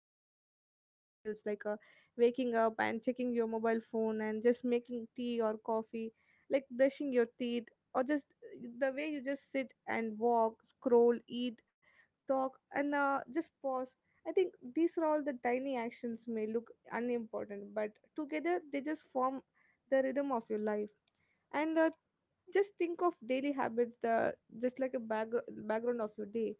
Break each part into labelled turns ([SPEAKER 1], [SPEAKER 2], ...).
[SPEAKER 1] shape your daily feels, like waking up and checking your mobile phone and just making tea or coffee, like brushing your teeth, or just the way you just sit and walk, scroll, eat, talk, and just pause. I think these are all the tiny actions may look unimportant, but together they just form the rhythm of your life. And just think of daily habits, the just like a background of your day.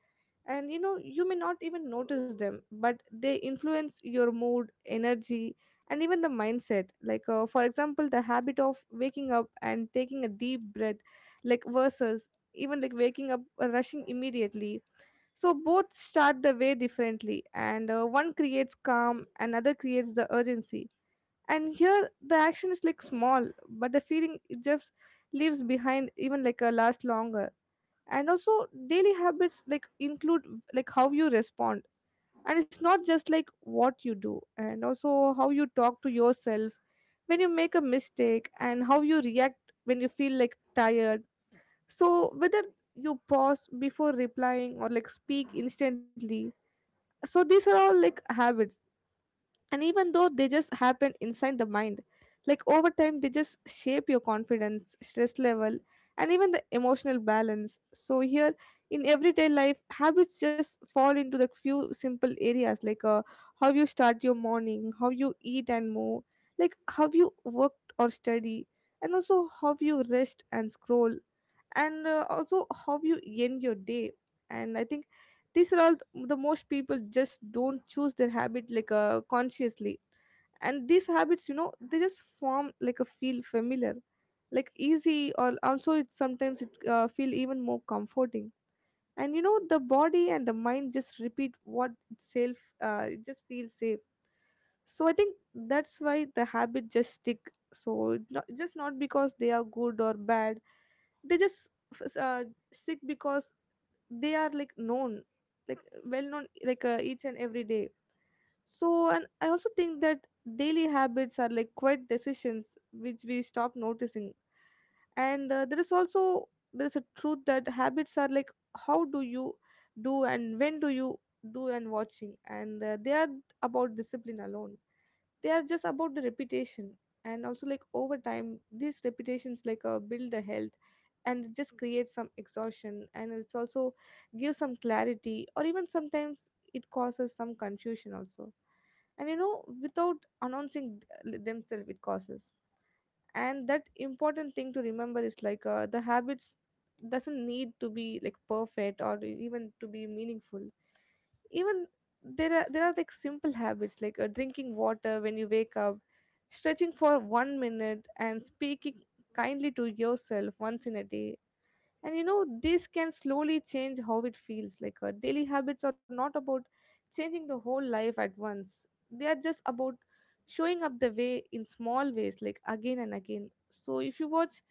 [SPEAKER 1] And you know, you may not even notice them, but they influence your mood, energy, and even the mindset. Like, for example, the habit of waking up and taking a deep breath, like, versus even like waking up, rushing immediately, so both start the way differently, and one creates calm, another creates the urgency. And here the action is like small, but the feeling it just leaves behind even like a last longer. And also daily habits like include like how you respond, and it's not just like what you do, and also how you talk to yourself when you make a mistake, and how you react when you feel like tired. So whether you pause before replying or like speak instantly, so these are all like habits. And even though they just happen inside the mind, like over time, they just shape your confidence, stress level, and even the emotional balance. So here in everyday life, habits just fall into the few simple areas like how you start your morning, how you eat and move, like how you work or study, and also how you rest and scroll, and also how you end your day. And I think these are all the most people just don't choose their habit like consciously. And these habits, you know, they just form like a feel familiar, like easy, or also it sometimes it feel even more comforting. And you know the body and the mind just repeat what itself it just feels safe. So I think that's why the habit just stick. So it not, just not because they are good or bad, they just sick because they are like known, like well known, like each and every day. So, and I also think that daily habits are like quiet decisions which we stop noticing. And there is also there is a truth that habits are like how do you do and when do you do and watching, and they are about discipline alone, they are just about the reputation. And also, like over time, these reputations like build the health, and it just creates some exhaustion, and it's also gives some clarity or even sometimes it causes some confusion also. And you know, without announcing themselves, it causes. And that important thing to remember is like the habits doesn't need to be like perfect or even to be meaningful. Even, there are like simple habits like drinking water when you wake up, stretching for 1 minute, and speaking kindly to yourself once in a day. And you know this can slowly change how it feels, like daily habits are not about changing the whole life at once, they are just about showing up the way in small ways, like again and again. So if you watch,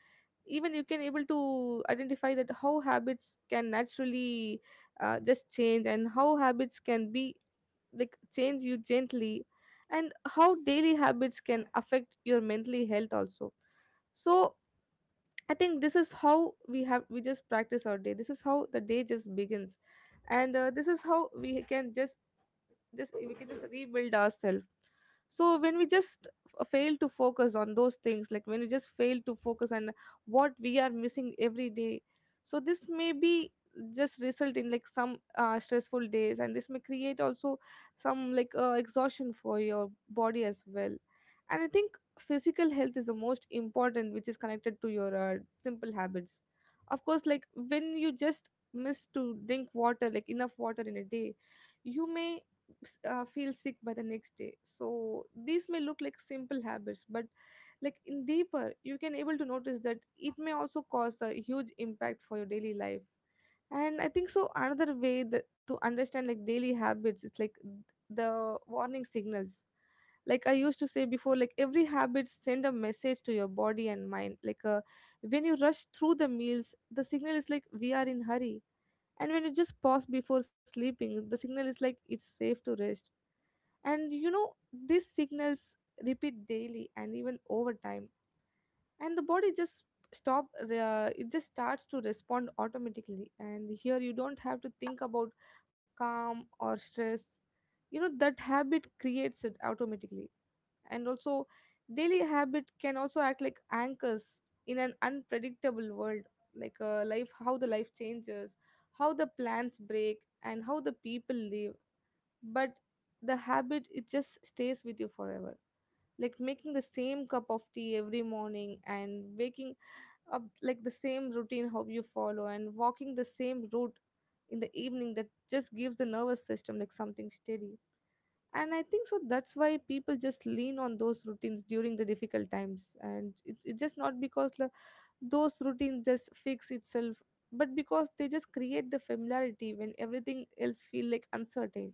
[SPEAKER 1] even you can able to identify that how habits can naturally just change and how habits can be like change you gently, and how daily habits can affect your mentally health also. So I think this is how we have we just practice our day, this is how the day just begins. And this is how we can just we can just rebuild ourselves. So when we just fail to focus on those things, like when we just fail to focus on what we are missing every day, so this may be just result in like some stressful days, and this may create also some like exhaustion for your body as well. And I think physical health is the most important, which is connected to your simple habits. Of course, like when you just miss to drink water, like enough water in a day, you may feel sick by the next day. So these may look like simple habits, but like in deeper you can able to notice that it may also cause a huge impact for your daily life. And I think so another way that, to understand like daily habits is like the warning signals. Like I used to say before, like every habit send a message to your body and mind, like when you rush through the meals, the signal is like we are in hurry. And when you just pause before sleeping, the signal is like it's safe to rest. And you know these signals repeat daily and even over time, and the body just stop it just starts to respond automatically. And here you don't have to think about calm or stress, you know that habit creates it automatically. And also, daily habit can also act like anchors in an unpredictable world, like life, how the life changes, how the plans break, and how the people live. But the habit, it just stays with you forever, like making the same cup of tea every morning and waking up like the same routine how you follow, and walking the same route in the evening, that just gives the nervous system like something steady. And I think so that's why people just lean on those routines during the difficult times, and it's just not because the, those routines just fix itself, but because they just create the familiarity when everything else feel like uncertain.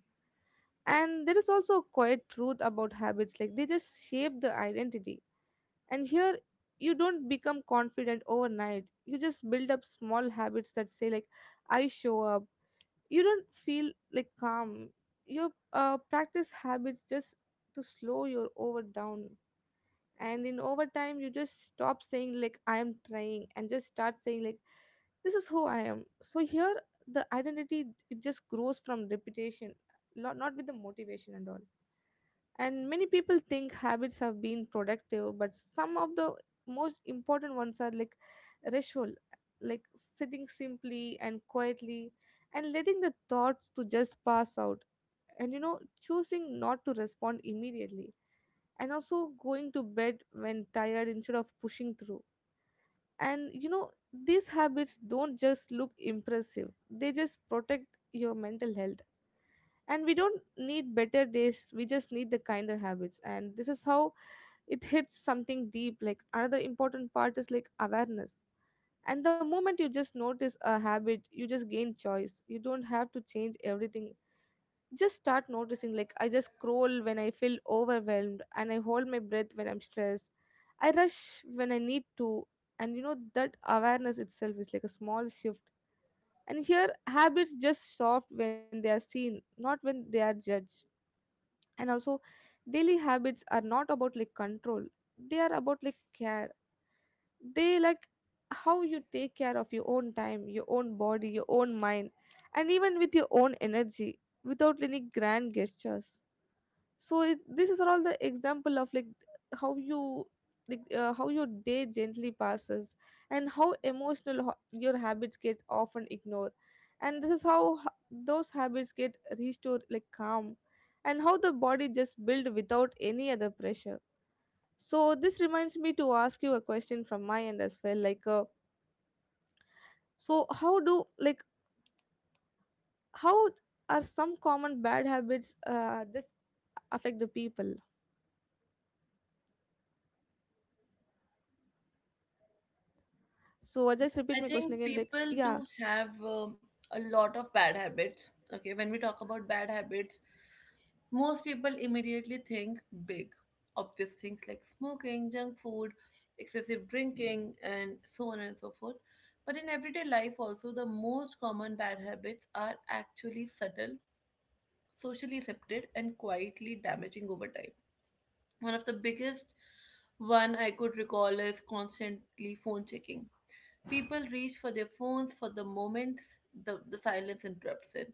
[SPEAKER 1] And there is also a quiet truth about habits, like they just shape the identity. And here you don't become confident overnight, you just build up small habits that say like I show up. You don't feel like calm, you practice habits just to slow your over down. And in over time you just stop saying like I am trying and just start saying like this is who I am. So here the identity it just grows from repetition, not with the motivation and all. And many people think habits have been productive, but some of the most important ones are like ritual, like sitting simply and quietly and letting the thoughts to just pass out. And you know choosing not to respond immediately, and also going to bed when tired instead of pushing through. And you know these habits don't just look impressive, they just protect your mental health. And we don't need better days, we just need the kinder habits, and this is how it hits something deep. Like another important part is like awareness, and the moment you just notice a habit, you just gain choice, you don't have to change everything. Just start noticing, like I just scroll when I feel overwhelmed, and I hold my breath when I'm stressed, I rush when I need to. And you know that awareness itself is like a small shift, and here habits just soft when they are seen, not when they are judged. And also, daily habits are not about like control, they are about like care. They, like how you take care of your own time, your own body, your own mind, and even with your own energy, without any grand gestures. So it, this is all the example of like how you like how your day gently passes, and how emotional your habits get often ignored. And this is how those habits get restored like calm, and how the body just build without any other pressure. So this reminds me to ask you a question from my end as well, like so how do like how are some common bad habits just affect the people. So I
[SPEAKER 2] Okay,
[SPEAKER 1] just repeat
[SPEAKER 2] I
[SPEAKER 1] my question
[SPEAKER 2] think
[SPEAKER 1] again, like
[SPEAKER 2] people
[SPEAKER 1] yeah.
[SPEAKER 2] do have a lot of bad habits. Okay, when we talk about bad habits, most people immediately think big. Obvious things like smoking, junk food, excessive drinking, and so on and so forth. But in everyday life, also, the most common bad habits are actually subtle, socially accepted, and quietly damaging over time. One of the biggest one I could recall is constantly phone checking. People reach for their phones for the moments the silence interrupts it.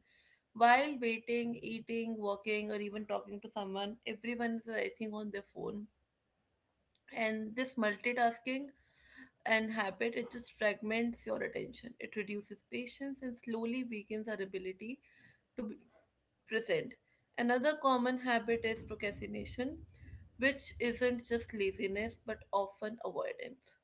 [SPEAKER 2] While waiting, eating, walking, or even talking to someone, everyone is, I think, on their phone. And this multitasking and habit, it just fragments your attention. It reduces patience and slowly weakens our ability to be present. Another common habit is procrastination, which isn't just laziness but often avoidance.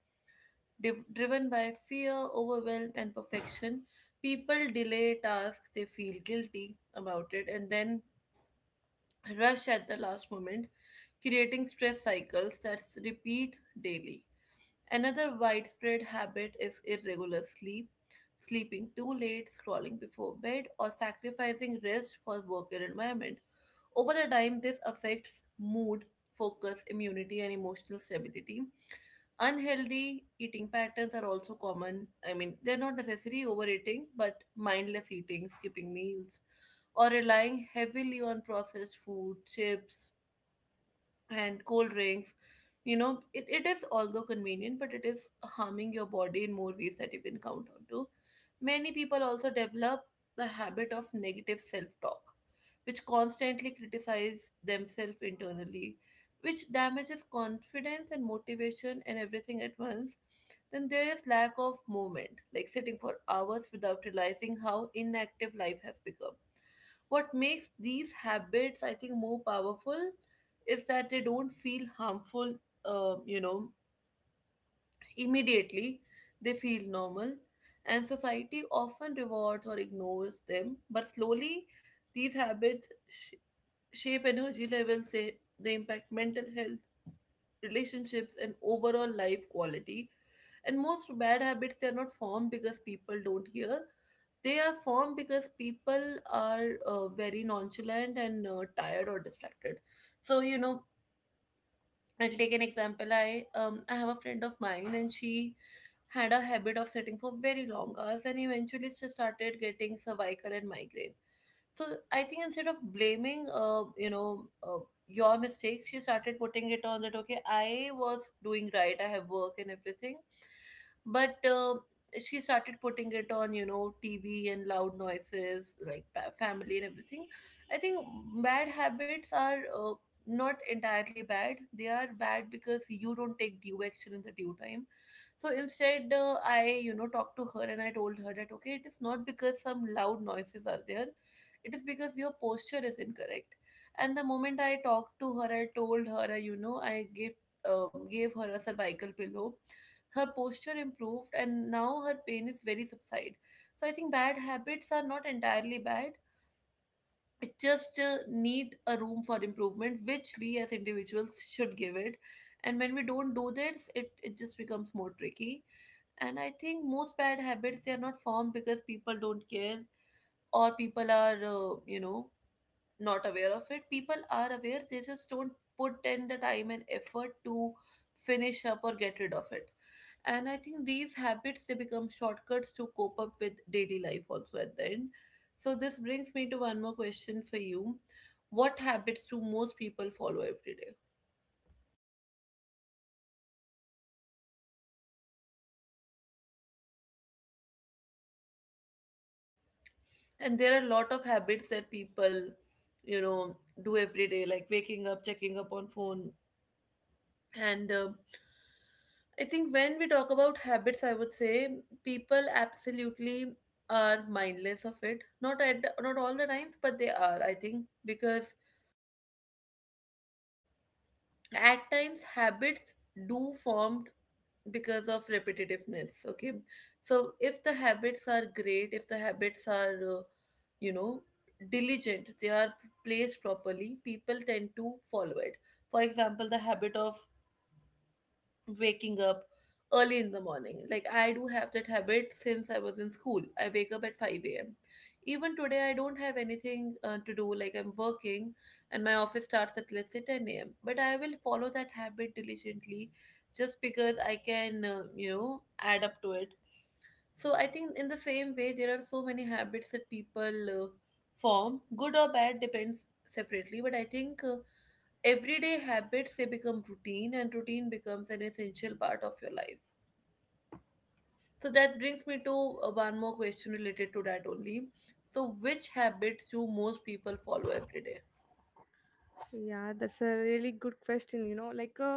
[SPEAKER 2] Driven by fear, overwhelm, and perfection, people delay tasks, they feel guilty about it, and then rush at the last moment, creating stress cycles that repeat daily. Another widespread habit is irregular sleep, sleeping too late, scrolling before bed, or sacrificing rest for work and environment. Over the time, this affects mood, focus, immunity, and emotional stability. Unhealthy eating patterns are also common. I mean, they're not necessarily overeating, but mindless eating, skipping meals, or relying heavily on processed food, chips, and cold drinks. You know, it is although convenient, but it is harming your body in more ways that you can count on to. Many people also develop the habit of negative self-talk, which constantly criticize themselves internally, which damages confidence and motivation and everything at once. Then there is lack of movement, like sitting for hours without realizing how inactive life has become. What makes these habits, I think, more powerful is that they don't feel harmful, uh, you know, immediately. They feel normal, and society often rewards or ignores them. But slowly, these habits shape energy levels, say, they impact mental health, relationships, and overall life quality. And most bad habits, they are not formed because people don't hear. They are formed because people are very nonchalant and tired or distracted. So, you know, I'll take an example. I have a friend of mine, and she had a habit of sitting for very long hours, and eventually she started getting cervical and migraine. So I think instead of blaming your mistakes, she started putting it on that, okay, I was doing right. I have work and everything, but she started putting it on, you know, TV and loud noises, like family and everything. I think bad habits are. Not entirely bad. They are bad because you don't take due action in the due time. So instead, I, you know, talked to her and I told her that, okay, it is not because some loud noises are there, it is because your posture is incorrect. And the moment I talked to her, I told her, I gave her a cervical pillow. Her posture improved, and now her pain is very subside. So I think bad habits are not entirely bad, it just need a room for improvement which we as individuals should give it, and when we don't do this, it just becomes more tricky. And I think most bad habits, they are not formed because people don't care, or people are not aware of it. People are aware, they just don't put in the time and effort to finish up or get rid of it. And I think these habits, they become shortcuts to cope up with daily life also at the end. So this brings me to one more question for you. What habits do most people follow every day? And there are a lot of habits that people, you know, do every day, like waking up, checking up on phone, and I think when we talk about habits, I would say people absolutely are mindless of it. Not at, not all the times, but they are, I think, because at times habits do formed because of repetitiveness, okay. So if the habits are great, if the habits are you know diligent, they are placed properly, people tend to follow it. For example, the habit of waking up early in the morning. Like I do have that habit since I was in school. I wake up at 5 a.m. Even today, I don't have anything to do. Like I'm working and my office starts at, let's say, 10 a.m. But I will follow that habit diligently just because I can, add up to it. So I think in the same way, there are so many habits that people form, good or bad, depends separately. But I think everyday habits, they become routine, and routine becomes an essential part of your life. So that brings me to one more question related to that only. So which habits do most people follow every day?
[SPEAKER 1] Yeah, that's a really good question. You know, like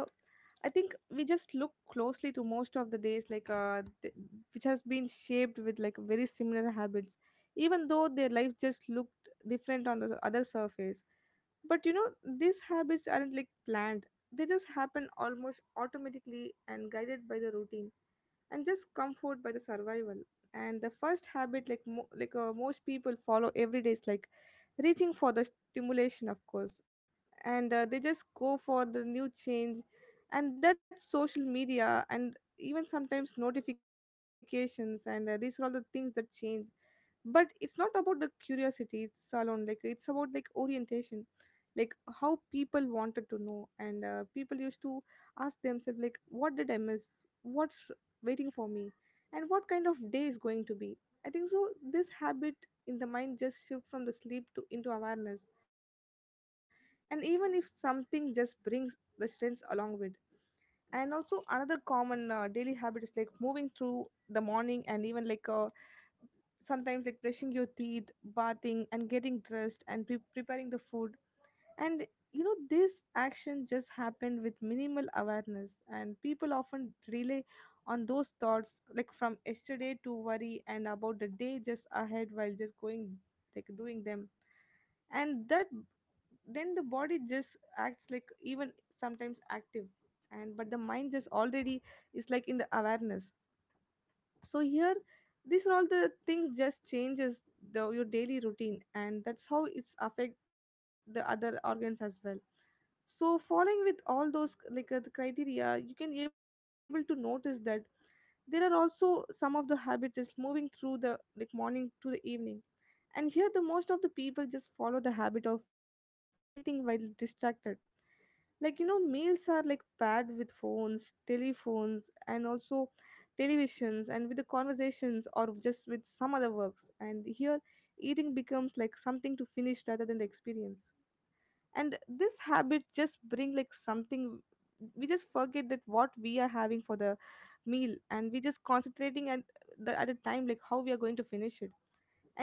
[SPEAKER 1] I think we just look closely to most of the days, like which has been shaped with like very similar habits, even though their life just looked different on the other surface. But you know, these habits aren't like planned; they just happen almost automatically and guided by the routine and just comfort by the survival. And the first habit like most people follow every day is like reaching for the stimulation, of course, and they just go for the new change, and that's social media and even sometimes notifications, and these are all the things that change. But it's not about the curiosity it's alone, like it's about like orientation, like how people wanted to know, and people used to ask themselves like what did I miss, what waiting for me, and what kind of day is going to be. I think so this habit in the mind just shift from the sleep to into awareness, and even if something just brings the strengths along with. And also another common daily habit is like moving through the morning, and even like sometimes like brushing your teeth, bathing and getting dressed and preparing the food. And you know, this action just happened with minimal awareness, and people often relay on those thoughts like from yesterday to worry and about the day just ahead while just going like doing them. And that then the body just acts like even sometimes active, and but the mind just already is like in the awareness. So here, these are all the things just changes the your daily routine, and that's how it's affect the other organs as well. So following with all those like the criteria you can able to notice that there are also some of the habits just moving through the like morning to the evening, and here the most of the people just follow the habit of eating while distracted, like you know meals are like paired with phones, telephones, and also televisions, and with the conversations or just with some other works. And here eating becomes like something to finish rather than the experience, and this habit just bring like something we just forget that what we are having for the meal, and we just concentrating at a time like how we are going to finish it.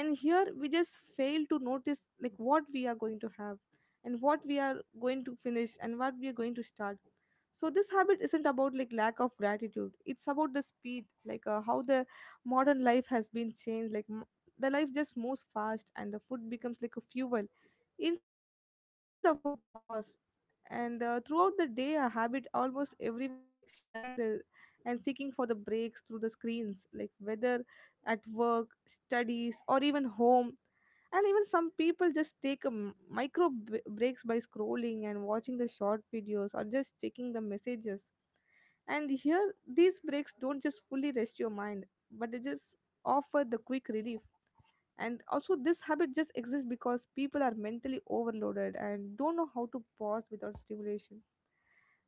[SPEAKER 1] And here we just fail to notice like what we are going to have and what we are going to finish and what we are going to start. So this habit isn't about like lack of gratitude, it's about the speed, like how the modern life has been changed, like the life just moves fast and the food becomes like a fuel instead of a pause. And throughout the day a habit almost everyone is like sharing the and seeking for the breaks through the screens, like whether at work, studies, or even home. And even some people just take a micro breaks by scrolling and watching the short videos or just checking the messages. And here, these breaks don't just fully rest your mind, but they just offer the quick relief. And also this habit just exists because people are mentally overloaded and don't know how to pause without stimulation.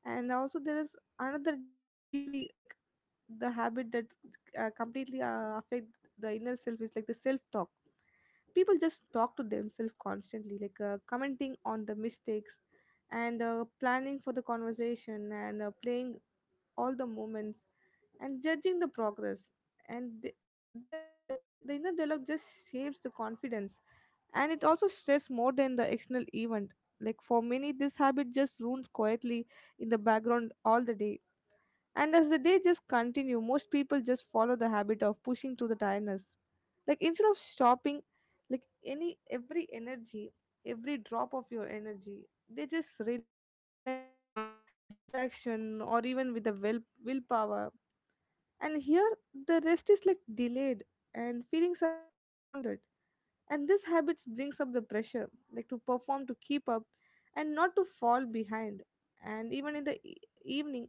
[SPEAKER 1] And also there is another deeply like the habit that completely affect the inner self is like the self talk. People just talk to themselves constantly, like commenting on the mistakes, and planning for the conversation, and playing all the moments, and judging the progress. And the inner dialogue just shapes the confidence, and it also stress more than the external event. Like for many this habit just runs quietly in the background all the day. And as the day just continue, most people just follow the habit of pushing through the tiredness, like instead of stopping, like any every energy, every drop of your energy, they just rely on the distraction or even with the willpower. And here the rest is like delayed and feelings are like postponed, and this habits brings up the pressure, like to perform, to keep up, and not to fall behind. And even in the evening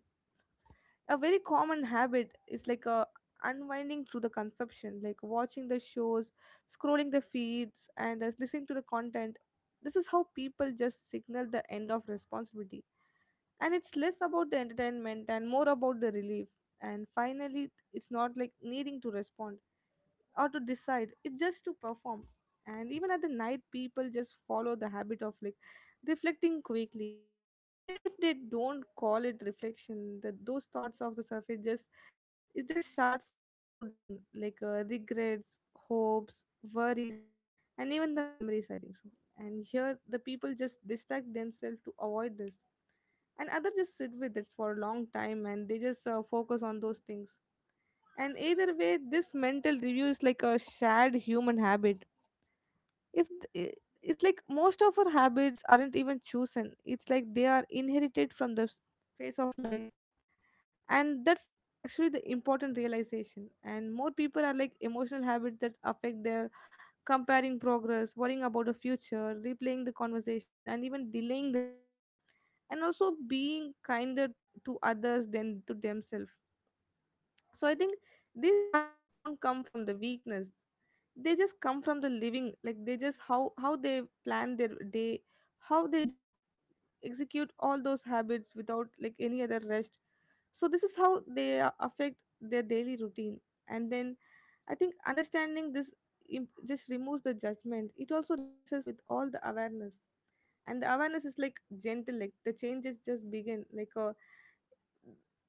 [SPEAKER 1] a very common habit is like a unwinding through the consumption, like watching the shows, scrolling the feeds, and listening to the content. This is how people just signal the end of responsibility, and it's less about the entertainment and more about the relief. And finally it's not like needing to respond or to decide, it's just to perform. And even at the night people just follow the habit of like reflecting quickly, even if they don't call it reflection. That those thoughts of the surface just it just starts to slow down, like regrets, hopes, worries, and even the memories, I think so. And here the people just distract themselves to avoid this, and others just sit with it for a long time and they just focus on those things. And either way this mental review is like a shared human habit. If th- I- It's like most of our habits aren't even chosen, it's like they are inherited from the face of life. And that's actually the important realization, and more people are like emotional habits that affect their comparing progress, worrying about the future, replaying the conversation, and even delaying their rest, and also being kinder to others than to themselves. So I think these habits won't come from the weakness, they just come from the living, like they just how they plan their day, how they just execute all those habits without like any other rest. So this is how they affect their daily routine. And then I think understanding this just removes the judgment, it also replaces with all the awareness. And the awareness is like gentle, like the changes just begin like a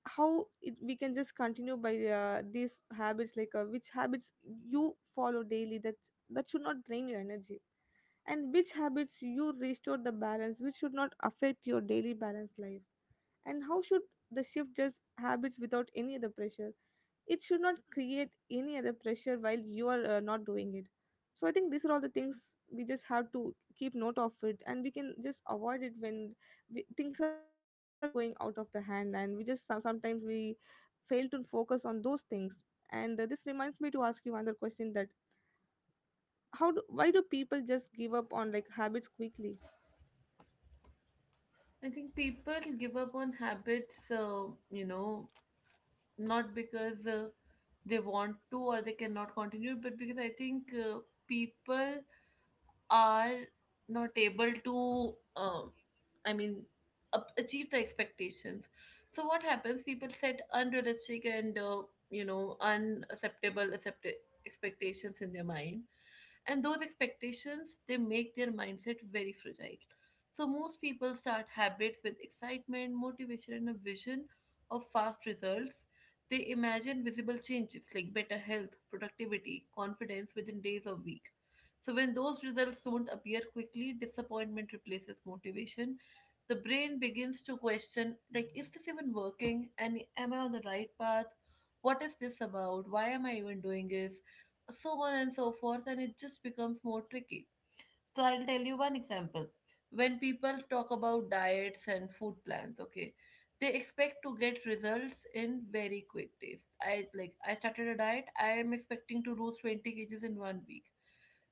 [SPEAKER 1] how it, we can just continue by these habits, like which habits you follow daily that should not drain your energy, and which habits you restore the balance which should not affect your daily balance life. And how should the shift just habits without any other pressure, it should not create any other pressure while you are not doing it. So I think these are all the things we just have to keep note of it, and we can just avoid it when things are going out of the hand, and we just sometimes we fail to focus on those things. And this reminds me to ask you another question that why do people just give up on like habits quickly.
[SPEAKER 2] I think people give up on habits, you know, not because they want to or they cannot continue, but because I think people are not able to I mean achieve the expectations. So what happens, people set unrealistic and unacceptable expectations in their mind, and those expectations, they make their mindset very fragile. So most people start habits with excitement, motivation, and a vision of fast results. They imagine visible changes like better health, productivity, confidence within days or week. So when those results don't appear quickly, disappointment replaces motivation. The brain begins to question, like, is this even working, and am I on the right path? What is this about? Why am I even doing this? So on and so forth, and it just becomes more tricky. So, I'll tell you one example. When people talk about diets and food plans, okay, they expect to get results in very quick days. I, like, I started a diet, I am expecting to lose 20 kgs in one week,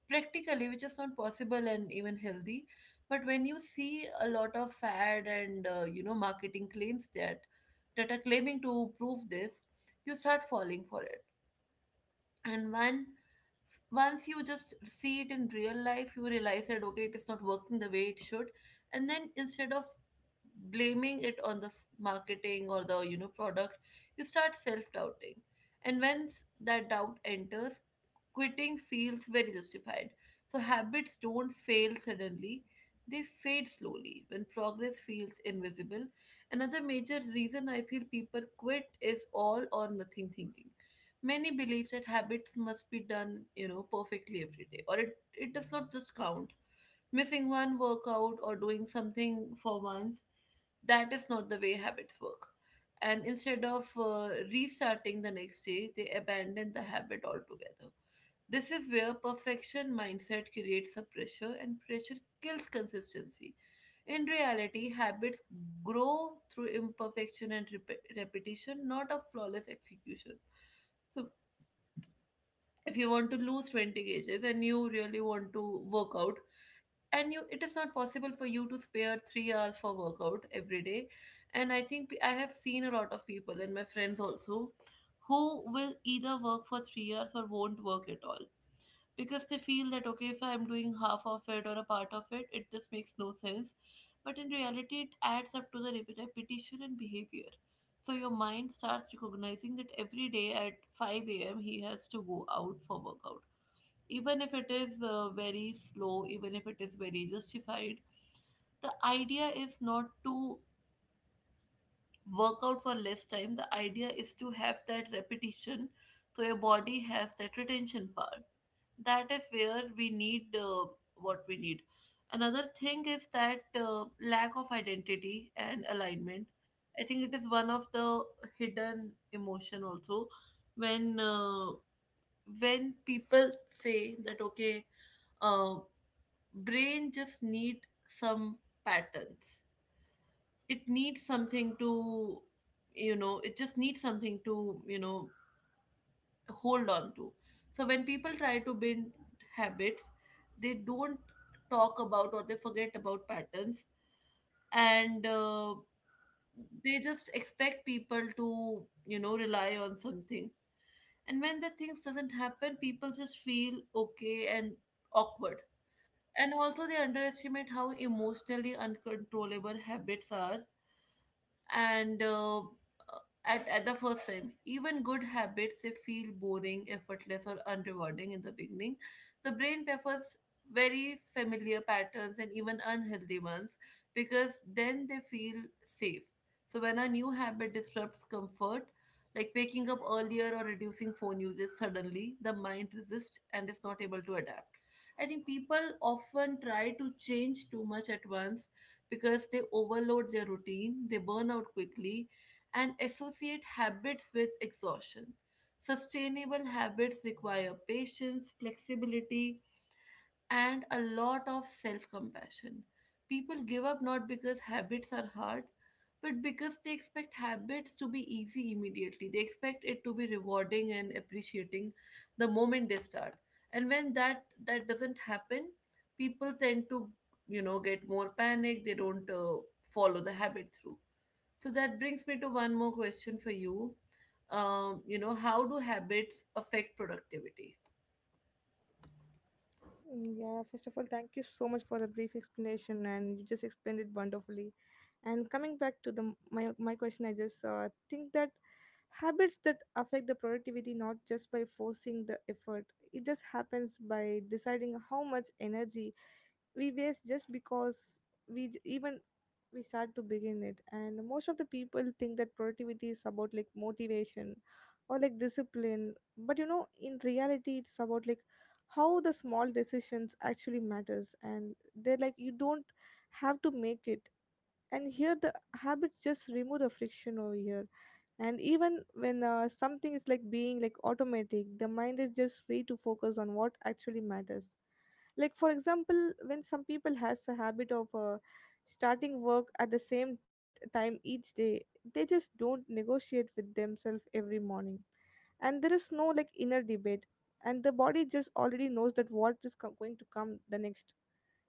[SPEAKER 2] practically, which is not possible and even healthy. But when you see a lot of fad and marketing claims that that are claiming to prove this, you start falling for it. And when once you just see it in real life, you realize that, okay, it is not working the way it should. And then instead of blaming it on the marketing or the product, you start self-doubting. And once that doubt enters, quitting feels very justified. So habits don't fail suddenly, they fade slowly when progress feels invisible. Another major reason I feel people quit is all or nothing thinking. Many believe that habits must be done, you know, perfectly every day, or it does not just count. Missing one workout or doing something for once, that is not the way habits work. And instead of restarting the next day, they abandon the habit altogether. This is where perfection mindset creates a pressure, and pressure kills consistency. In reality, habits grow through imperfection and repetition, not a flawless execution. So, if you want to lose 20 kgs and you really want to work out, and you it is not possible for you to spare 3 hours for workout every day. And I think I have seen a lot of people and my friends also who will either work for 3 hours or won't work at all because they feel that, okay, if I'm doing half of it or a part of it, it just makes no sense. But in reality, it adds up to the repetition and behavior. So your mind starts recognizing that every day at 5 a.m he has to go out for workout, even if it is very slow, even if it is very justified. The idea is not to work out for less time. The idea is to have that repetition so your body has that retention power. That is where we need what we need. Another thing is that lack of identity and alignment. I think it is one of the hidden emotion also when uh, when people say that okay, uh, brain just need some patterns. It needs something to, it just needs something to, hold on to. So when people try to build habits, they don't talk about or they forget about patterns, and they just expect people to rely on something. And when the things doesn't happen, people just feel okay and awkward. And also, they underestimate how emotionally uncontrollable habits are, and at the first time, even good habits, they feel boring, effortless, or unrewarding in the beginning. The brain prefers very familiar patterns, and even unhealthy ones, because then they feel safe. So when a new habit disrupts comfort, like waking up earlier or reducing phone usage, suddenly the mind resists and is not able to adapt. I think people often try to change too much at once because they overload their routine, they burn out quickly, and associate habits with exhaustion. Sustainable habits require patience, flexibility, and a lot of self compassion. People give up not because habits are hard, but because they expect habits to be easy immediately. They expect it to be rewarding and appreciating the moment they start. And when that doesn't happen, people tend to get more panic. They don't follow the habit through. So that brings me to one more question for you. How do habits affect productivity?
[SPEAKER 1] Mm, yeah, first of all, thank you so much for the brief explanation, and you just explained it wonderfully. And coming back to the my question, I just think that habits that affect the productivity not just by forcing the effort, it just happens by deciding how much energy we waste just because even we start to begin it. And most of the people think that productivity is about like motivation or like discipline, but you know, in reality, it's about like how the small decisions actually matters, and they're like you don't have to make it. And here the habits just remove the friction over here, and even when something is like being like automatic, the mind is just free to focus on what actually matters. Like for example when some people has a habit of starting work at the same time each day, they just don't negotiate with themselves every morning, and there is no like inner debate, and the body just already knows that what is going to come the next.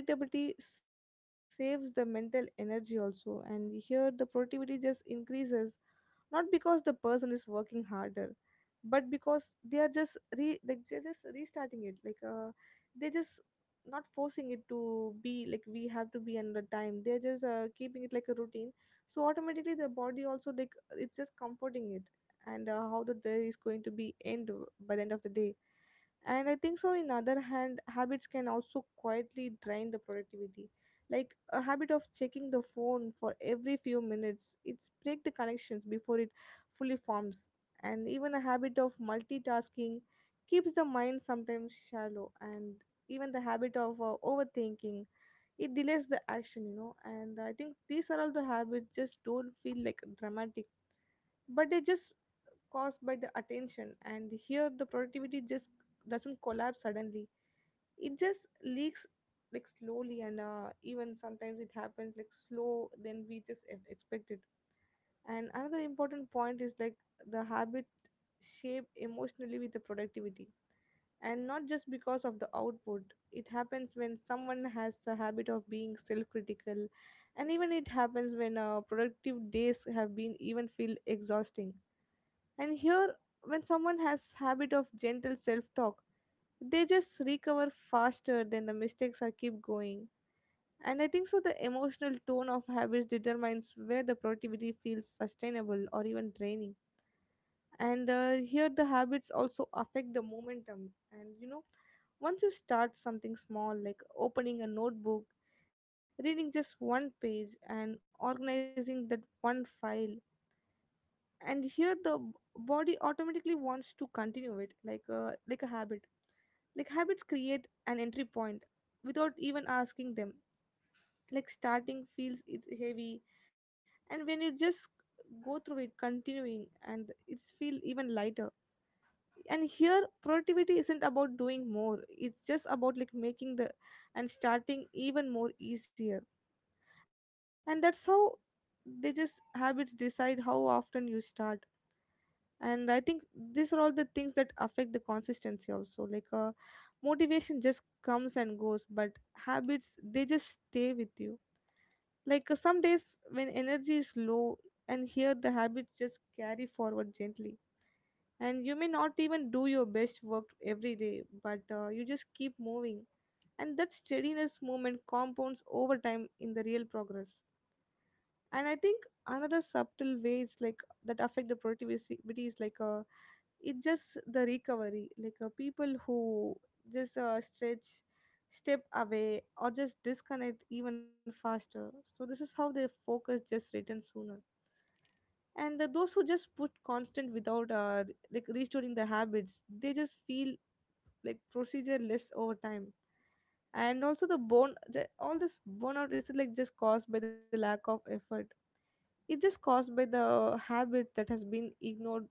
[SPEAKER 1] And that predictability saves the mental energy also, and here the productivity just increases not because the person is working harder, but because they are just re like they're just restarting it, like they're just not forcing it to be like we have to be under time, they're just keeping it like a routine. So automatically the body also like it's just comforting it, and how the day is going to be end by the end of the day. And I think so in other hand habits can also quietly drain the productivity, like a habit of checking the phone for every few minutes, it's break the connections before it fully forms. And even a habit of multitasking keeps the mind sometimes shallow, and even the habit of overthinking, it delays the action, you know. And I think these are all the habits just don't feel like dramatic, but they just caused by the attention, and here the productivity just doesn't collapse suddenly, it just leaks like slowly. And even sometimes it happens like slow than we just expected. And another important point is like the habit shape emotionally with the productivity, and not just because of the output, it happens when someone has the habit of being self-critical. And even it happens when productive days have been even feel exhausting. And here, when someone has habit of gentle self talk, they just recover faster than the mistakes are keep going. And I think so the emotional tone of habits determines where the productivity feels sustainable or even draining. And here the habits also affect the momentum, and you know, once you start something small, like opening a notebook, reading just one page and organizing that one file. And here the body automatically wants to continue it like a habit. Like, habits create an entry point without even asking them. Like, starting feels it's heavy, and when you just go through it continuing, and it's feel even lighter. And here productivity isn't about doing more, it's just about like making the and starting even more easier. And that's how they just habits decide how often you start. And I think these are all the things that affect the consistency also, like, motivation just comes and goes, but habits they just stay with you. Like, some days when energy is low, and here the habits just carry forward gently. And you may not even do your best work every day, but you just keep moving. And that steadiness movement compounds over time in the real progress. And I think another subtle way it's like that affect the productivity is like a, it's just the recovery. Like, people who just stretch, step away or just disconnect even faster, so this is how their focus just returns sooner. And those who just put constant without like restoring the habits, they just feel like procedure less over time. And also the bone the, all this burnout is like just caused by the lack of effort. It's just caused by the habit that has been ignored.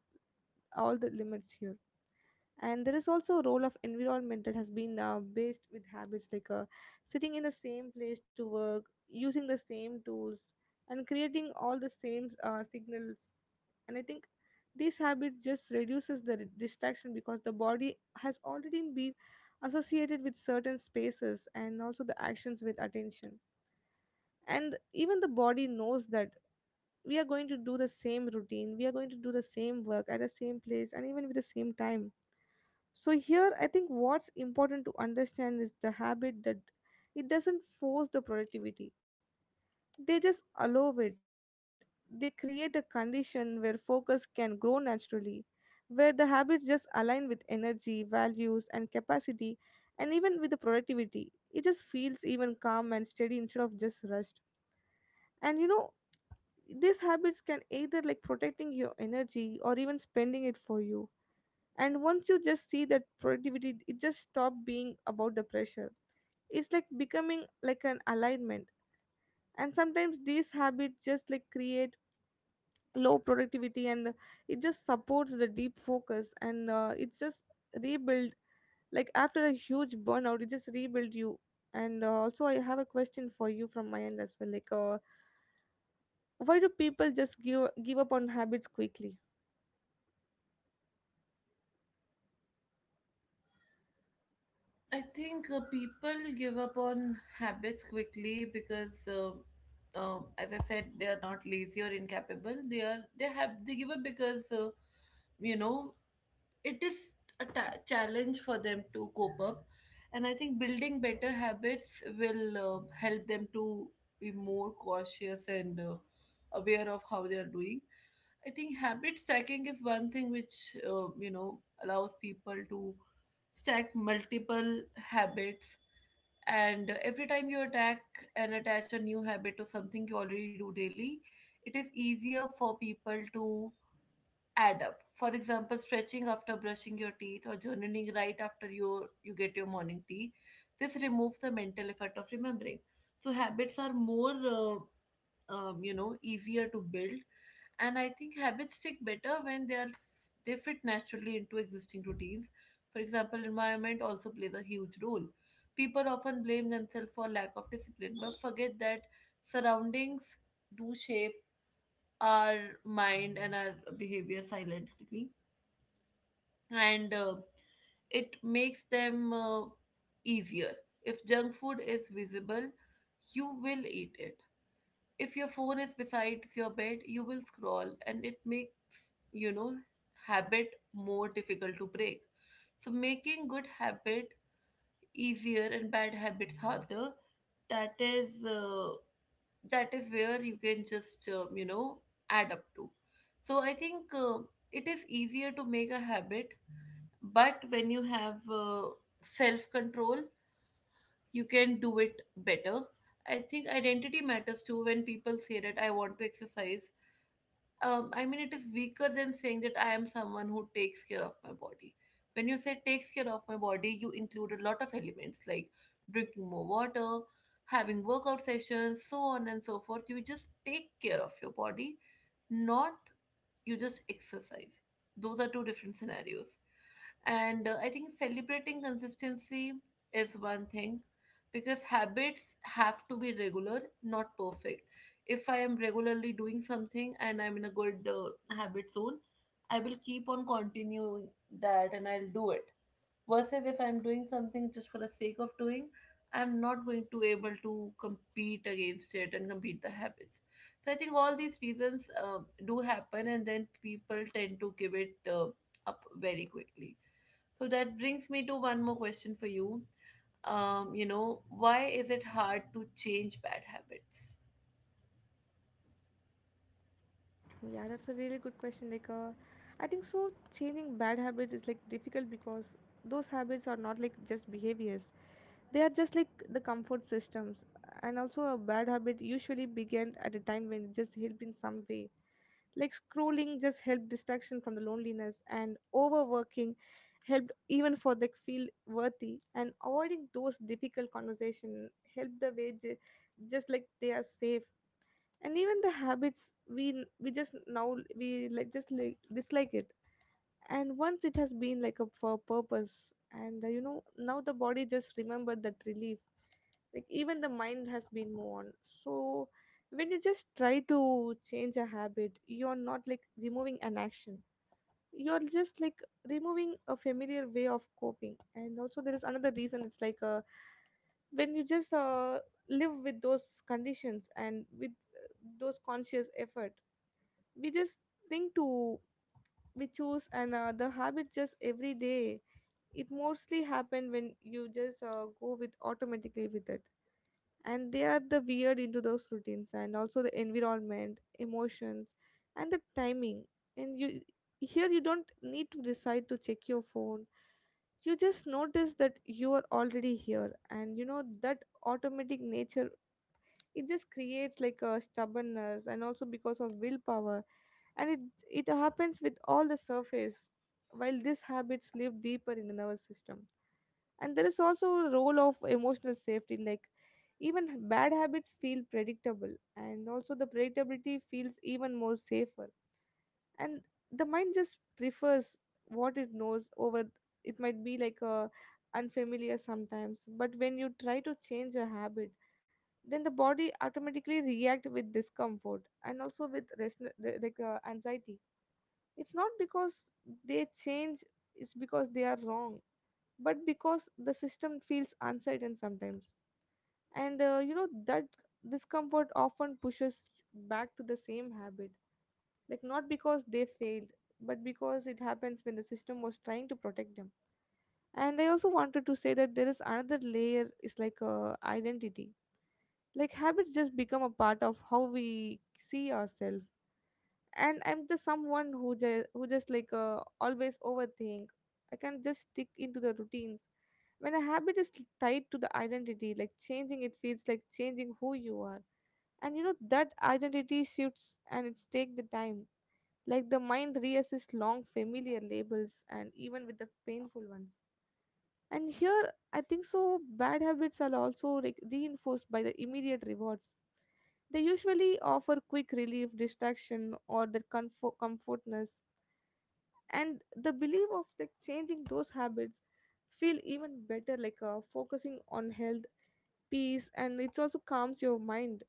[SPEAKER 1] All the limits here. And there is also a role of environment that has been based with habits. Like, sitting in the same place to work, using the same tools, and creating all the same signals. And I think these habits just reduces the distraction because the body has already been associated with certain spaces, and also the actions with attention. And even the body knows that we are going to do the same routine, we are going to do the same work at the same place and even with the same time. So here I think what's important to understand is the habit that it doesn't force the productivity. They just allow it. They create a condition where focus can grow naturally, where the habits just align with energy, values and capacity and even with the productivity. It just feels even calm and steady instead of just rushed. And you know, these habits can either like protecting your energy or even spending it for you. And once you just see that, productivity it just stopped being about the pressure, it's like becoming like an alignment. And sometimes these habits just like create low productivity, and it just supports the deep focus, and it's just rebuild, like after a huge burnout it just rebuild you. And also I have a question for you from my end as well, like, why do people just give up on habits quickly?
[SPEAKER 2] I think people give up on habits quickly because, as I said, they are not lazy or incapable. They are they have they give up because you know it is a challenge for them to cope up, and I think building better habits will help them to be more cautious and aware of how they are doing. I think habit stacking is one thing which allows people to stack multiple habits, and every time you attack and attach a new habit to something you already do daily, it is easier for people to add up. For example, stretching after brushing your teeth or journaling right after you get your morning tea. This removes the mental effort of remembering. So habits are more easier to build, and I think habits stick better when they are they fit naturally into existing routines. For example, environment also plays a huge role. People often blame themselves for lack of discipline but forget that surroundings do shape our mind and our behavior silently, and it makes them easier. If junk food is visible, you will eat it. If your phone is besides your bed, you will scroll, and it makes, habit more difficult to break. So making good habit easier and bad habits harder, that is uh, that is where you can just add up to. So I think it is easier to make a habit, but when you have self control, you can do it better. I think identity matters too. When people say that I want to exercise, I mean, it is weaker than saying that I am someone who takes care of my body. When you say takes care of my body, you include a lot of elements like drinking more water, having workout sessions, so on and so forth. You just take care of your body, not you just exercise. Those are two different scenarios. And I think celebrating consistency is one thing because habits have to be regular, not perfect. If I am regularly doing something and I'm in a good habit zone, I will keep on continuing that and I'll do it, versus if I'm doing something just for the sake of doing, I'm not going to able to compete against it and compete the habits. So I think all these reasons do happen, and then people tend to give it up very quickly. So that brings me to one more question for you. You know Why is it hard to change bad habits?
[SPEAKER 1] Oh, yeah, that's a really good question. Like, I think so. Changing bad habits is like difficult because those habits are not like just behaviors. They are just like the comfort systems. And also a bad habit usually began at a time when it just helped in some way. Like, scrolling just helped distraction from the loneliness, and overworking helped even for the feel worthy, and avoiding those difficult conversation helped the way just like they are safe. And even the habits we just now we like just like dislike it. And once it has been like a for purpose, and you know, now the body just remember that relief, like even the mind has been moved on. So when you just try to change a habit, you're not like removing an action, you're just like removing a familiar way of coping. And also there is another reason. It's like, when you just live with those conditions, and with those conscious effort, we just think to we choose, and the habit just every day. It mostly happen when you just go with automatically with it, and they are the weird into those routines, and also the environment, emotions and the timing. And you, here you don't need to decide to check your phone, you just notice that you are already here, and you know that automatic nature, it just creates like a stubbornness, and also because of willpower. And it happens with all the surface, while these habits live deeper in the nervous system. And there is also a role of emotional safety. Like, even bad habits feel predictable, and also the predictability feels even more safer. And the mind just prefers what it knows over, it might be like a unfamiliar sometimes. But when you try to change a habit, then the body automatically react with discomfort, and also with like anxiety. It's not because they change, it's because they are wrong, but because the system feels uncertain sometimes. And you know, that discomfort often pushes back to the same habit. Like, not because they failed, but because it happens when the system was trying to protect them. And I also wanted to say that there is another layer, is like identity. Like, habits just become a part of how we see ourselves. And I'm just someone who just like always overthink, I can just stick into the routines. When a habit is tied to the identity, like changing it feels like changing who you are. And you know that identity shifts, and it's take the time. Like, the mind reassists long familiar labels, and even with the painful ones. And here I think so bad habits are also reinforced by the immediate rewards. They usually offer quick relief, distraction or the comfort comfortness. And the belief of like changing those habits feel even better, like focusing on health, peace, and it also calms your mind.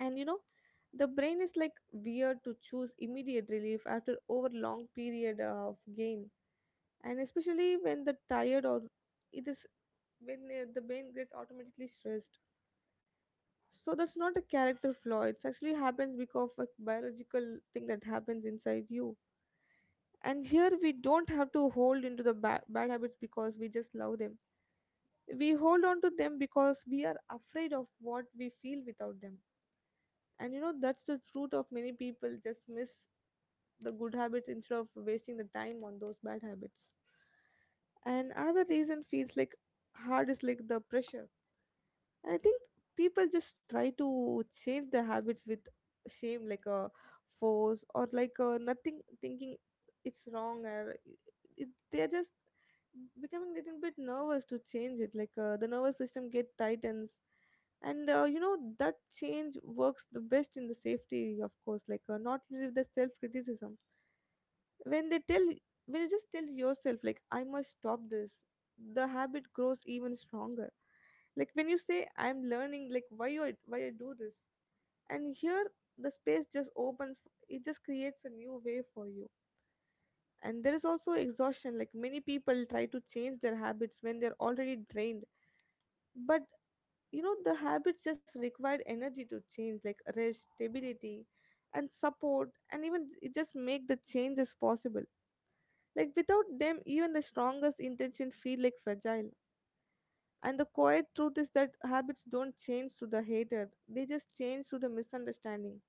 [SPEAKER 1] And you know, the brain is like weird to choose immediate relief after over long period of gain, and especially when the tired, or it is when the brain gets automatically stressed. So that's not a character flaw, it's actually happens because of a biological thing that happens inside you. And here we don't have to hold into the bad habits because we just love them, we hold on to them because we are afraid of what we feel without them. And you know, that's the root of many people just miss the good habits instead of wasting the time on those bad habits. And another reason feels like hard is like the pressure. I think people just try to change their habits with shame, like a force, or like nothing, thinking it's wrong. Or it, they're just becoming a little bit nervous to change it. Like, the nervous system get tightens. And you know that change works the best in the safety, of course. Like, not with the self criticism. When they tell, when you just tell yourself like I must stop this, the habit grows even stronger. Like, when you say I'm learning like why you, why I do this. And here the space just opens, it just creates a new way for you. And there is also exhaustion, like many people try to change their habits when they're already drained. But you know, the habits just require energy to change, like rest, stability and support, and even it just make the changes possible. Like without them, even the strongest intention feel like fragile. And the quiet truth is that habits don't change through the hatred; they just change through the misunderstanding.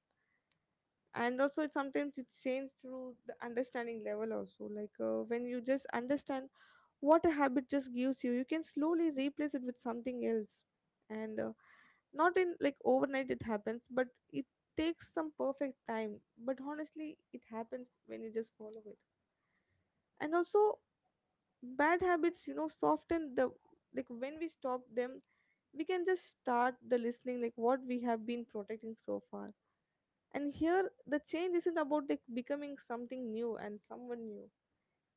[SPEAKER 1] And also, it sometimes it changes through the understanding level also. Like, when you just understand what a habit just gives you, you can slowly replace it with something else. And not in like overnight it happens, but it takes some perfect time. But honestly, it happens when you just follow it. And also, bad habits soften the like when we stop them, we can just start the listening like what we have been protecting so far. And here the change isn't about like becoming something new and someone new,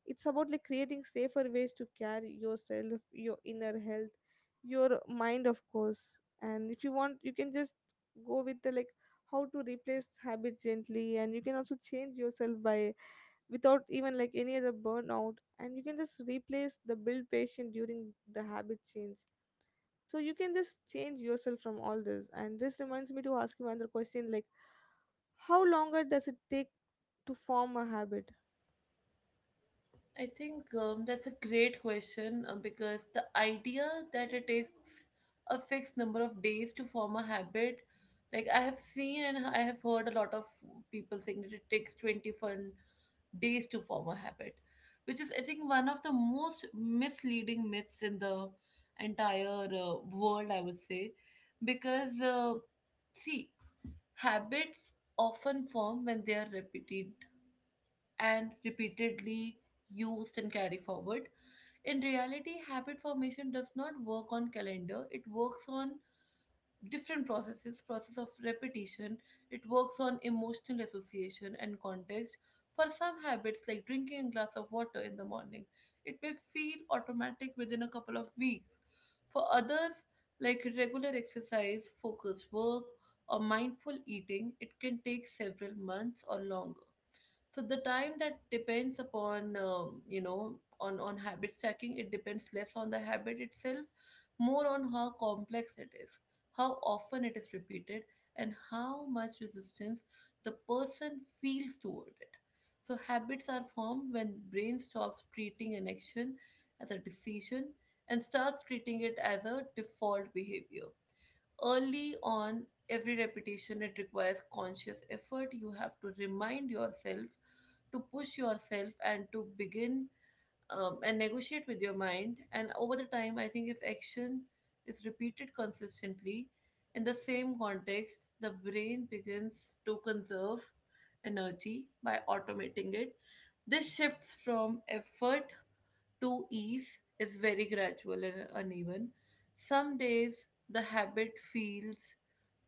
[SPEAKER 1] it's about like creating safer ways to care yourself, your inner health, your mind, of course. And if you want, you can just go with the like how to replace habits gently, and you can also change yourself by, without even like any other burnout, and you can just replace the build patient during the habit change. So you can just change yourself from all this, and this reminds me to ask you another question, like how longer does it take to form a habit?
[SPEAKER 2] I think that's a great question because the idea that it takes a fixed number of days to form a habit, like I have seen and I have heard a lot of people saying that it takes 21 days to form a habit, which is, I think, one of the most misleading myths in the entire world, I would say. Because, see, habits often form when they are repeated and repeatedly used and carry forward. In reality, habit formation does not work on calendar. It works on different processes, process of repetition. It works on emotional association and context. For some habits, like drinking a glass of water in the morning, it may feel automatic within a couple of weeks. For others, like regular exercise, focused work, or mindful eating, it can take several months or longer. So the time that depends upon, on habit stacking. It depends less on the habit itself, more on how complex it is, how often it is repeated, and how much resistance the person feels toward it. So habits are formed when brain stops treating an action as a decision and starts treating it as a default behavior. Early on, every repetition it requires conscious effort. You have to remind yourself, to push yourself, and to begin, and negotiate with your mind. And over the time, I think if action is repeated consistently in the same context, the brain begins to conserve energy by automating it. This shifts from effort to ease is very gradual and uneven. Some days the habit feels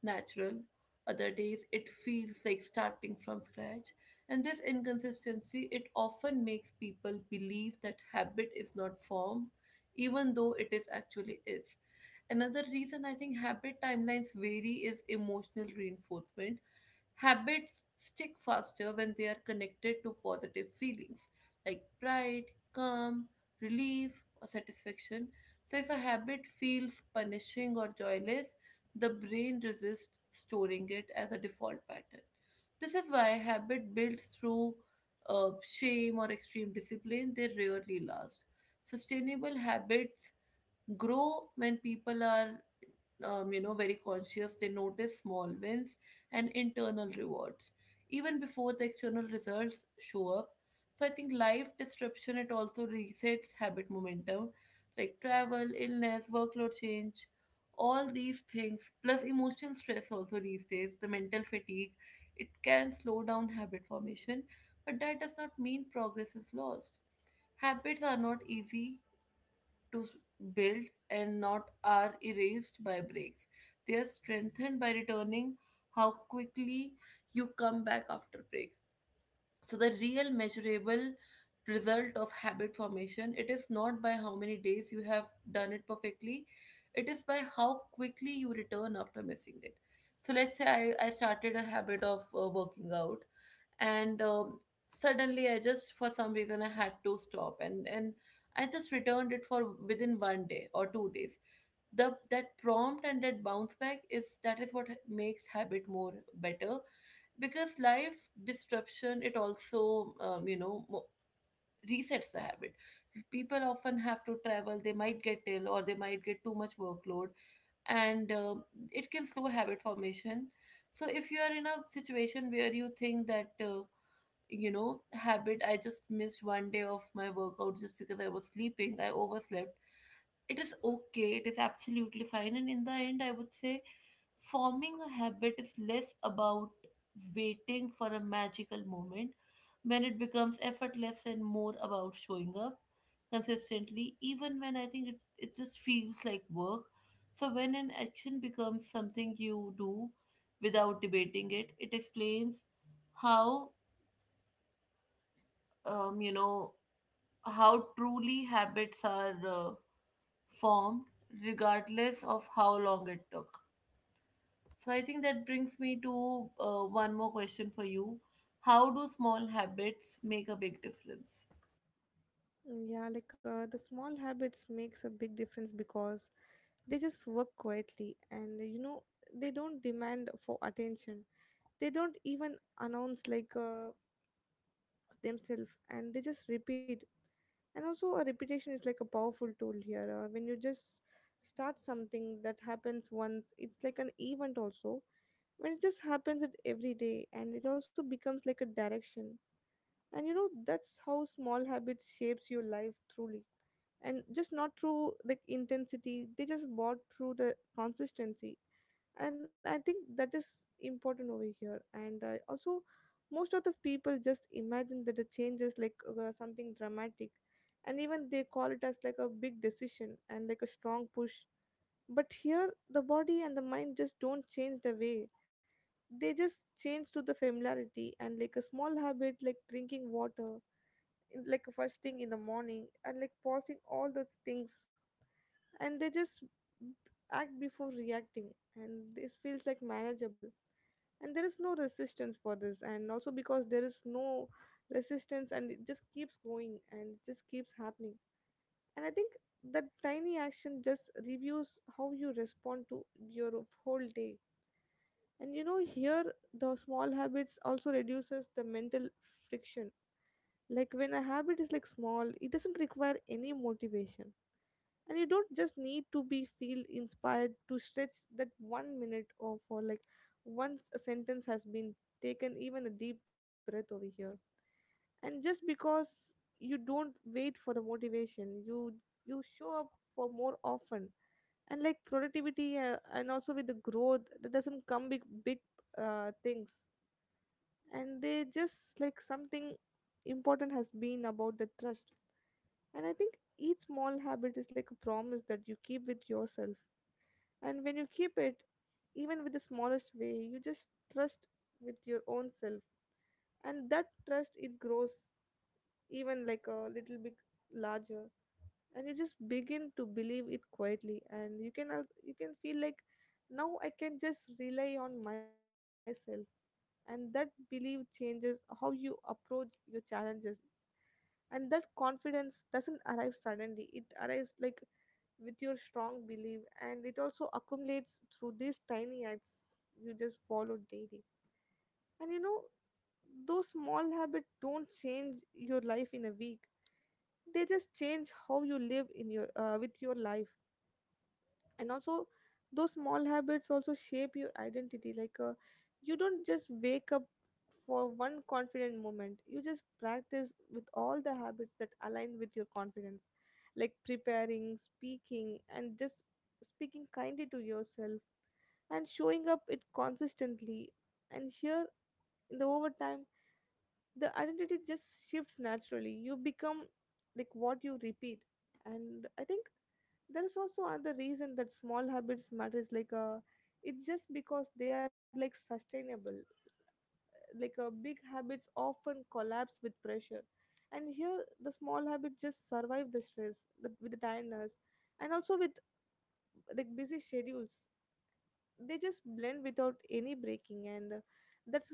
[SPEAKER 2] natural, other days it feels like starting from scratch. And this inconsistency, it often makes people believe that habit is not formed, even though it is actually is. Another reason I think habit timelines vary is emotional reinforcement. Habits stick faster when they are connected to positive feelings like pride, calm, relief, or satisfaction. So, if a habit feels punishing or joyless, the brain resists storing it as a default pattern. This is why habit built through shame or extreme discipline, they rarely last. Sustainable habits grow when people are very conscious. They notice small wins and internal rewards even before the external results show up. So I think life disruption, it also resets habit momentum, like travel, illness, workload change, all these things plus emotional stress. Also, these days the mental fatigue, it can slow down habit formation, but that does not mean progress is lost. Habits are not easy to build, and not are erased by breaks. They are strengthened by returning, how quickly you come back after break. So the real measurable result of habit formation, it is not by how many days you have done it perfectly. It is by how quickly you return after missing it. So let's say I started a habit of working out, and suddenly I just, for some reason, I had to stop, and I just returned it for within one day or 2 days. The that prompt and that bounce back, is what makes habit more better, because life disruption, it also, resets the habit. People often have to travel, they might get ill, or they might get too much workload, and it can slow habit formation. So if you are in a situation where you think that, habit. I just missed one day of my workout just because I was sleeping. I overslept. It is okay. It is absolutely fine. And in the end, I would say forming a habit is less about waiting for a magical moment when it becomes effortless, and more about showing up consistently, even when I think it just feels like work. So, when an action becomes something you do without debating it, it explains how um, you know, how truly habits are formed, regardless of how long it took. So I think that brings me to one more question for you. How do small habits make a big difference?
[SPEAKER 1] Mm, yeah, like the small habits makes a big difference because they just work quietly, and you know they don't demand for attention. They don't even announce like themselves, and they just repeat. And also, a repetition is like a powerful tool here when you just start something that happens once, it's like an event also. When it just happens it every day, and it also becomes like a direction. And you know that's how small habits shapes your life truly, and just not through like intensity, they just bought through the consistency. And I think that is important over here. And also, most of the people just imagine that a change is like something dramatic, and even they call it as like a big decision and like a strong push. But here the body and the mind just don't change the way, they just change to the familiarity. And like a small habit like drinking water like first thing in the morning, and like pausing all those things, and they just act before reacting. And this feels like manageable, and there is no resistance for this. And also, because there is no resistance, and it just keeps going and it just keeps happening. And I think that tiny action just reviews how you respond to your whole day. And you know, here the small habits also reduces the mental friction, like when a habit is like small, it doesn't require any motivation. And you don't just need to be feel inspired to stretch that 1 minute, or for like once a sentence has been taken, even a deep breath over here. And just because you don't wait for the motivation, you show up for more often. And like productivity, and also with the growth, that doesn't come big big things. And they just like something important has been about the trust. And I think each small habit is like a promise that you keep with yourself. And when you keep it, even with the smallest way, you just trust with your own self. And that trust, it grows even like a little bit larger. And you just begin to believe it quietly. And you can, you can feel like now I can just rely on myself. And that belief changes how you approach your challenges. And that confidence doesn't arrive suddenly. It arrives like with your strong belief, and it also accumulates through these tiny acts you just follow daily. And you know those small habits don't change your life in a week, they just change how you live in your with your life. And also, those small habits also shape your identity, like you don't just wake up for one confident moment, you just practice with all the habits that align with your confidence, like preparing speaking and just speaking kindly to yourself, and showing up it consistently. And here in the over time, the identity just shifts naturally. You become like what you repeat. And I think there is also another reason that small habits matters, like it's just because they are like sustainable. Like big habits often collapse with pressure, and here the small habits just survive the stress, with the tiredness, and also with like busy schedules, they just blend without any breaking. And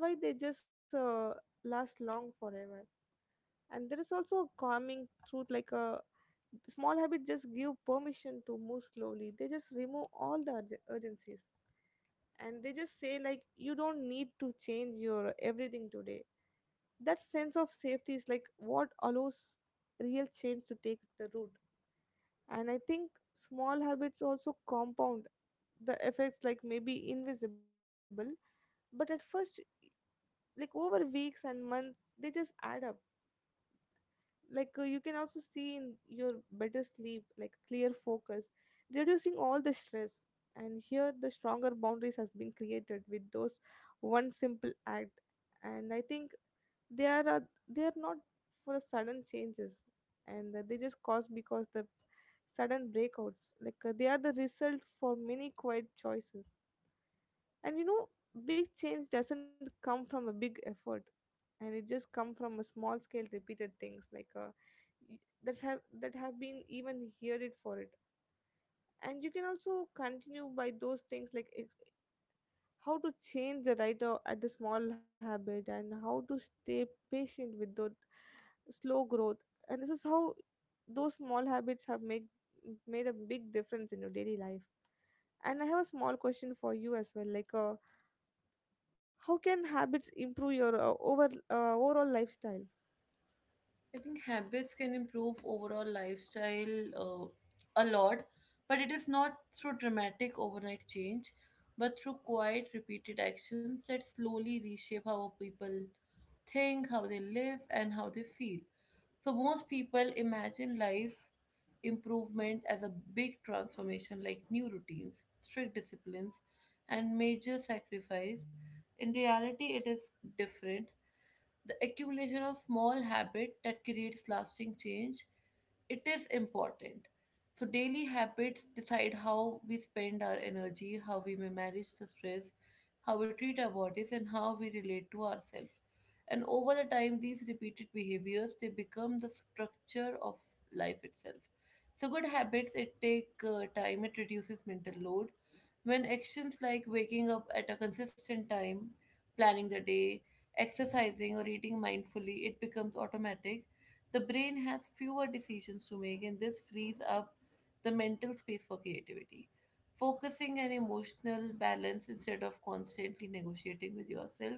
[SPEAKER 1] that's why they just last long forever. And there is also a calming truth, like a small habit just give permission to move slowly, they just remove all the urgencies. And they just say like you don't need to change your everything today. That sense of safety is like what allows real change to take the root. And I think small habits also compound the effects, like maybe invisible, but at first, like over weeks and months, they just add up. Like you can also see in your better sleep, like clear focus, reducing all the stress. And here the stronger boundaries has been created with those one simple act. And I think they are uh, they are not for sudden changes. And they just cause because the sudden breakouts, like they are the result for many quiet choices. And you know big change doesn't come from a big effort, and it just come from a small scale repeated things, like y- that have been even heard it for it. And you can also continue by those things, like how to change the writer at the small habit, and how to stay patient with the slow growth. And this is how those small habits have make made a big difference in your daily life. And I have a small question for you as well, like how can habits improve your overall lifestyle?
[SPEAKER 2] I think habits can improve overall lifestyle a lot, but it is not through dramatic overnight change, but through quiet, repeated actions that slowly reshape how people think, how they live, and how they feel. So most people imagine life improvement as a big transformation like new routines, strict disciplines, and major sacrifice. In reality, it is different. The accumulation of small habit that creates lasting change, it is important. So daily habits decide how we spend our energy, how we may manage the stress, how we treat our bodies, and how we relate to ourselves. And over the time, these repeated behaviors, they become the structure of life itself. So good habits, it take time. It reduces mental load when actions like waking up at a consistent time, planning the day, exercising or eating mindfully, it becomes automatic. The brain has fewer decisions to make, and this frees up the mental space for creativity. Focusing and emotional balance, instead of constantly negotiating with yourself,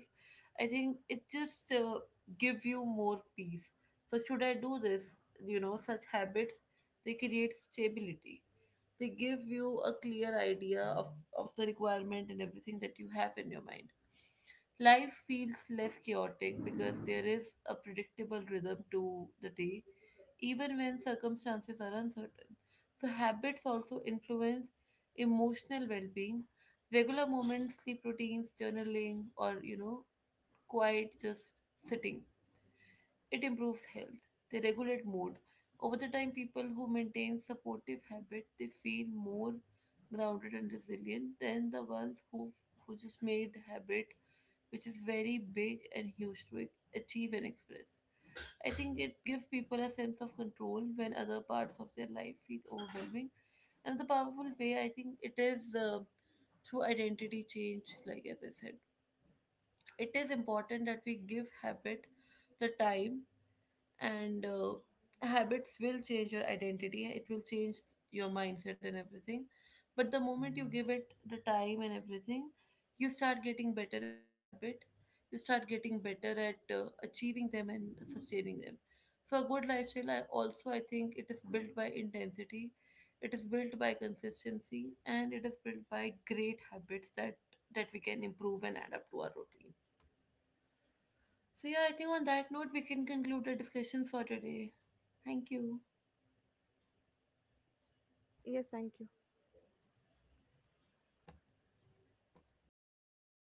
[SPEAKER 2] I think it just gives you more peace. So, should I do this? You know, such habits, they create stability. They give you a clear idea of the requirement and everything that you have in your mind. Life feels less chaotic because there is a predictable rhythm to the day, even when circumstances are uncertain. So, habits also influence emotional well being. Regular moments, sleep routines, journaling, or you know, quiet just sitting. It improves health. They regulate mood. Over the time, people who maintain supportive habit, they feel more grounded and resilient than the ones who just made habit, which is very big and huge to achieve and express. I think it gives people a sense of control when other parts of their life feel overwhelming. And the powerful way, I think it is through identity change, like as I said. It is important that we give habit the time, and habits will change your identity, it will change your mindset and everything. But the moment you give it the time and everything, you start getting better at habit, you start getting better at achieving them and sustaining them. So a good lifestyle, also I think it is built by intensity, it is built by consistency, and it is built by great habits that we can improve and add up to our routine. So yeah, I think on that note we can conclude the discussion for today. Thank you.
[SPEAKER 1] Yes, thank you.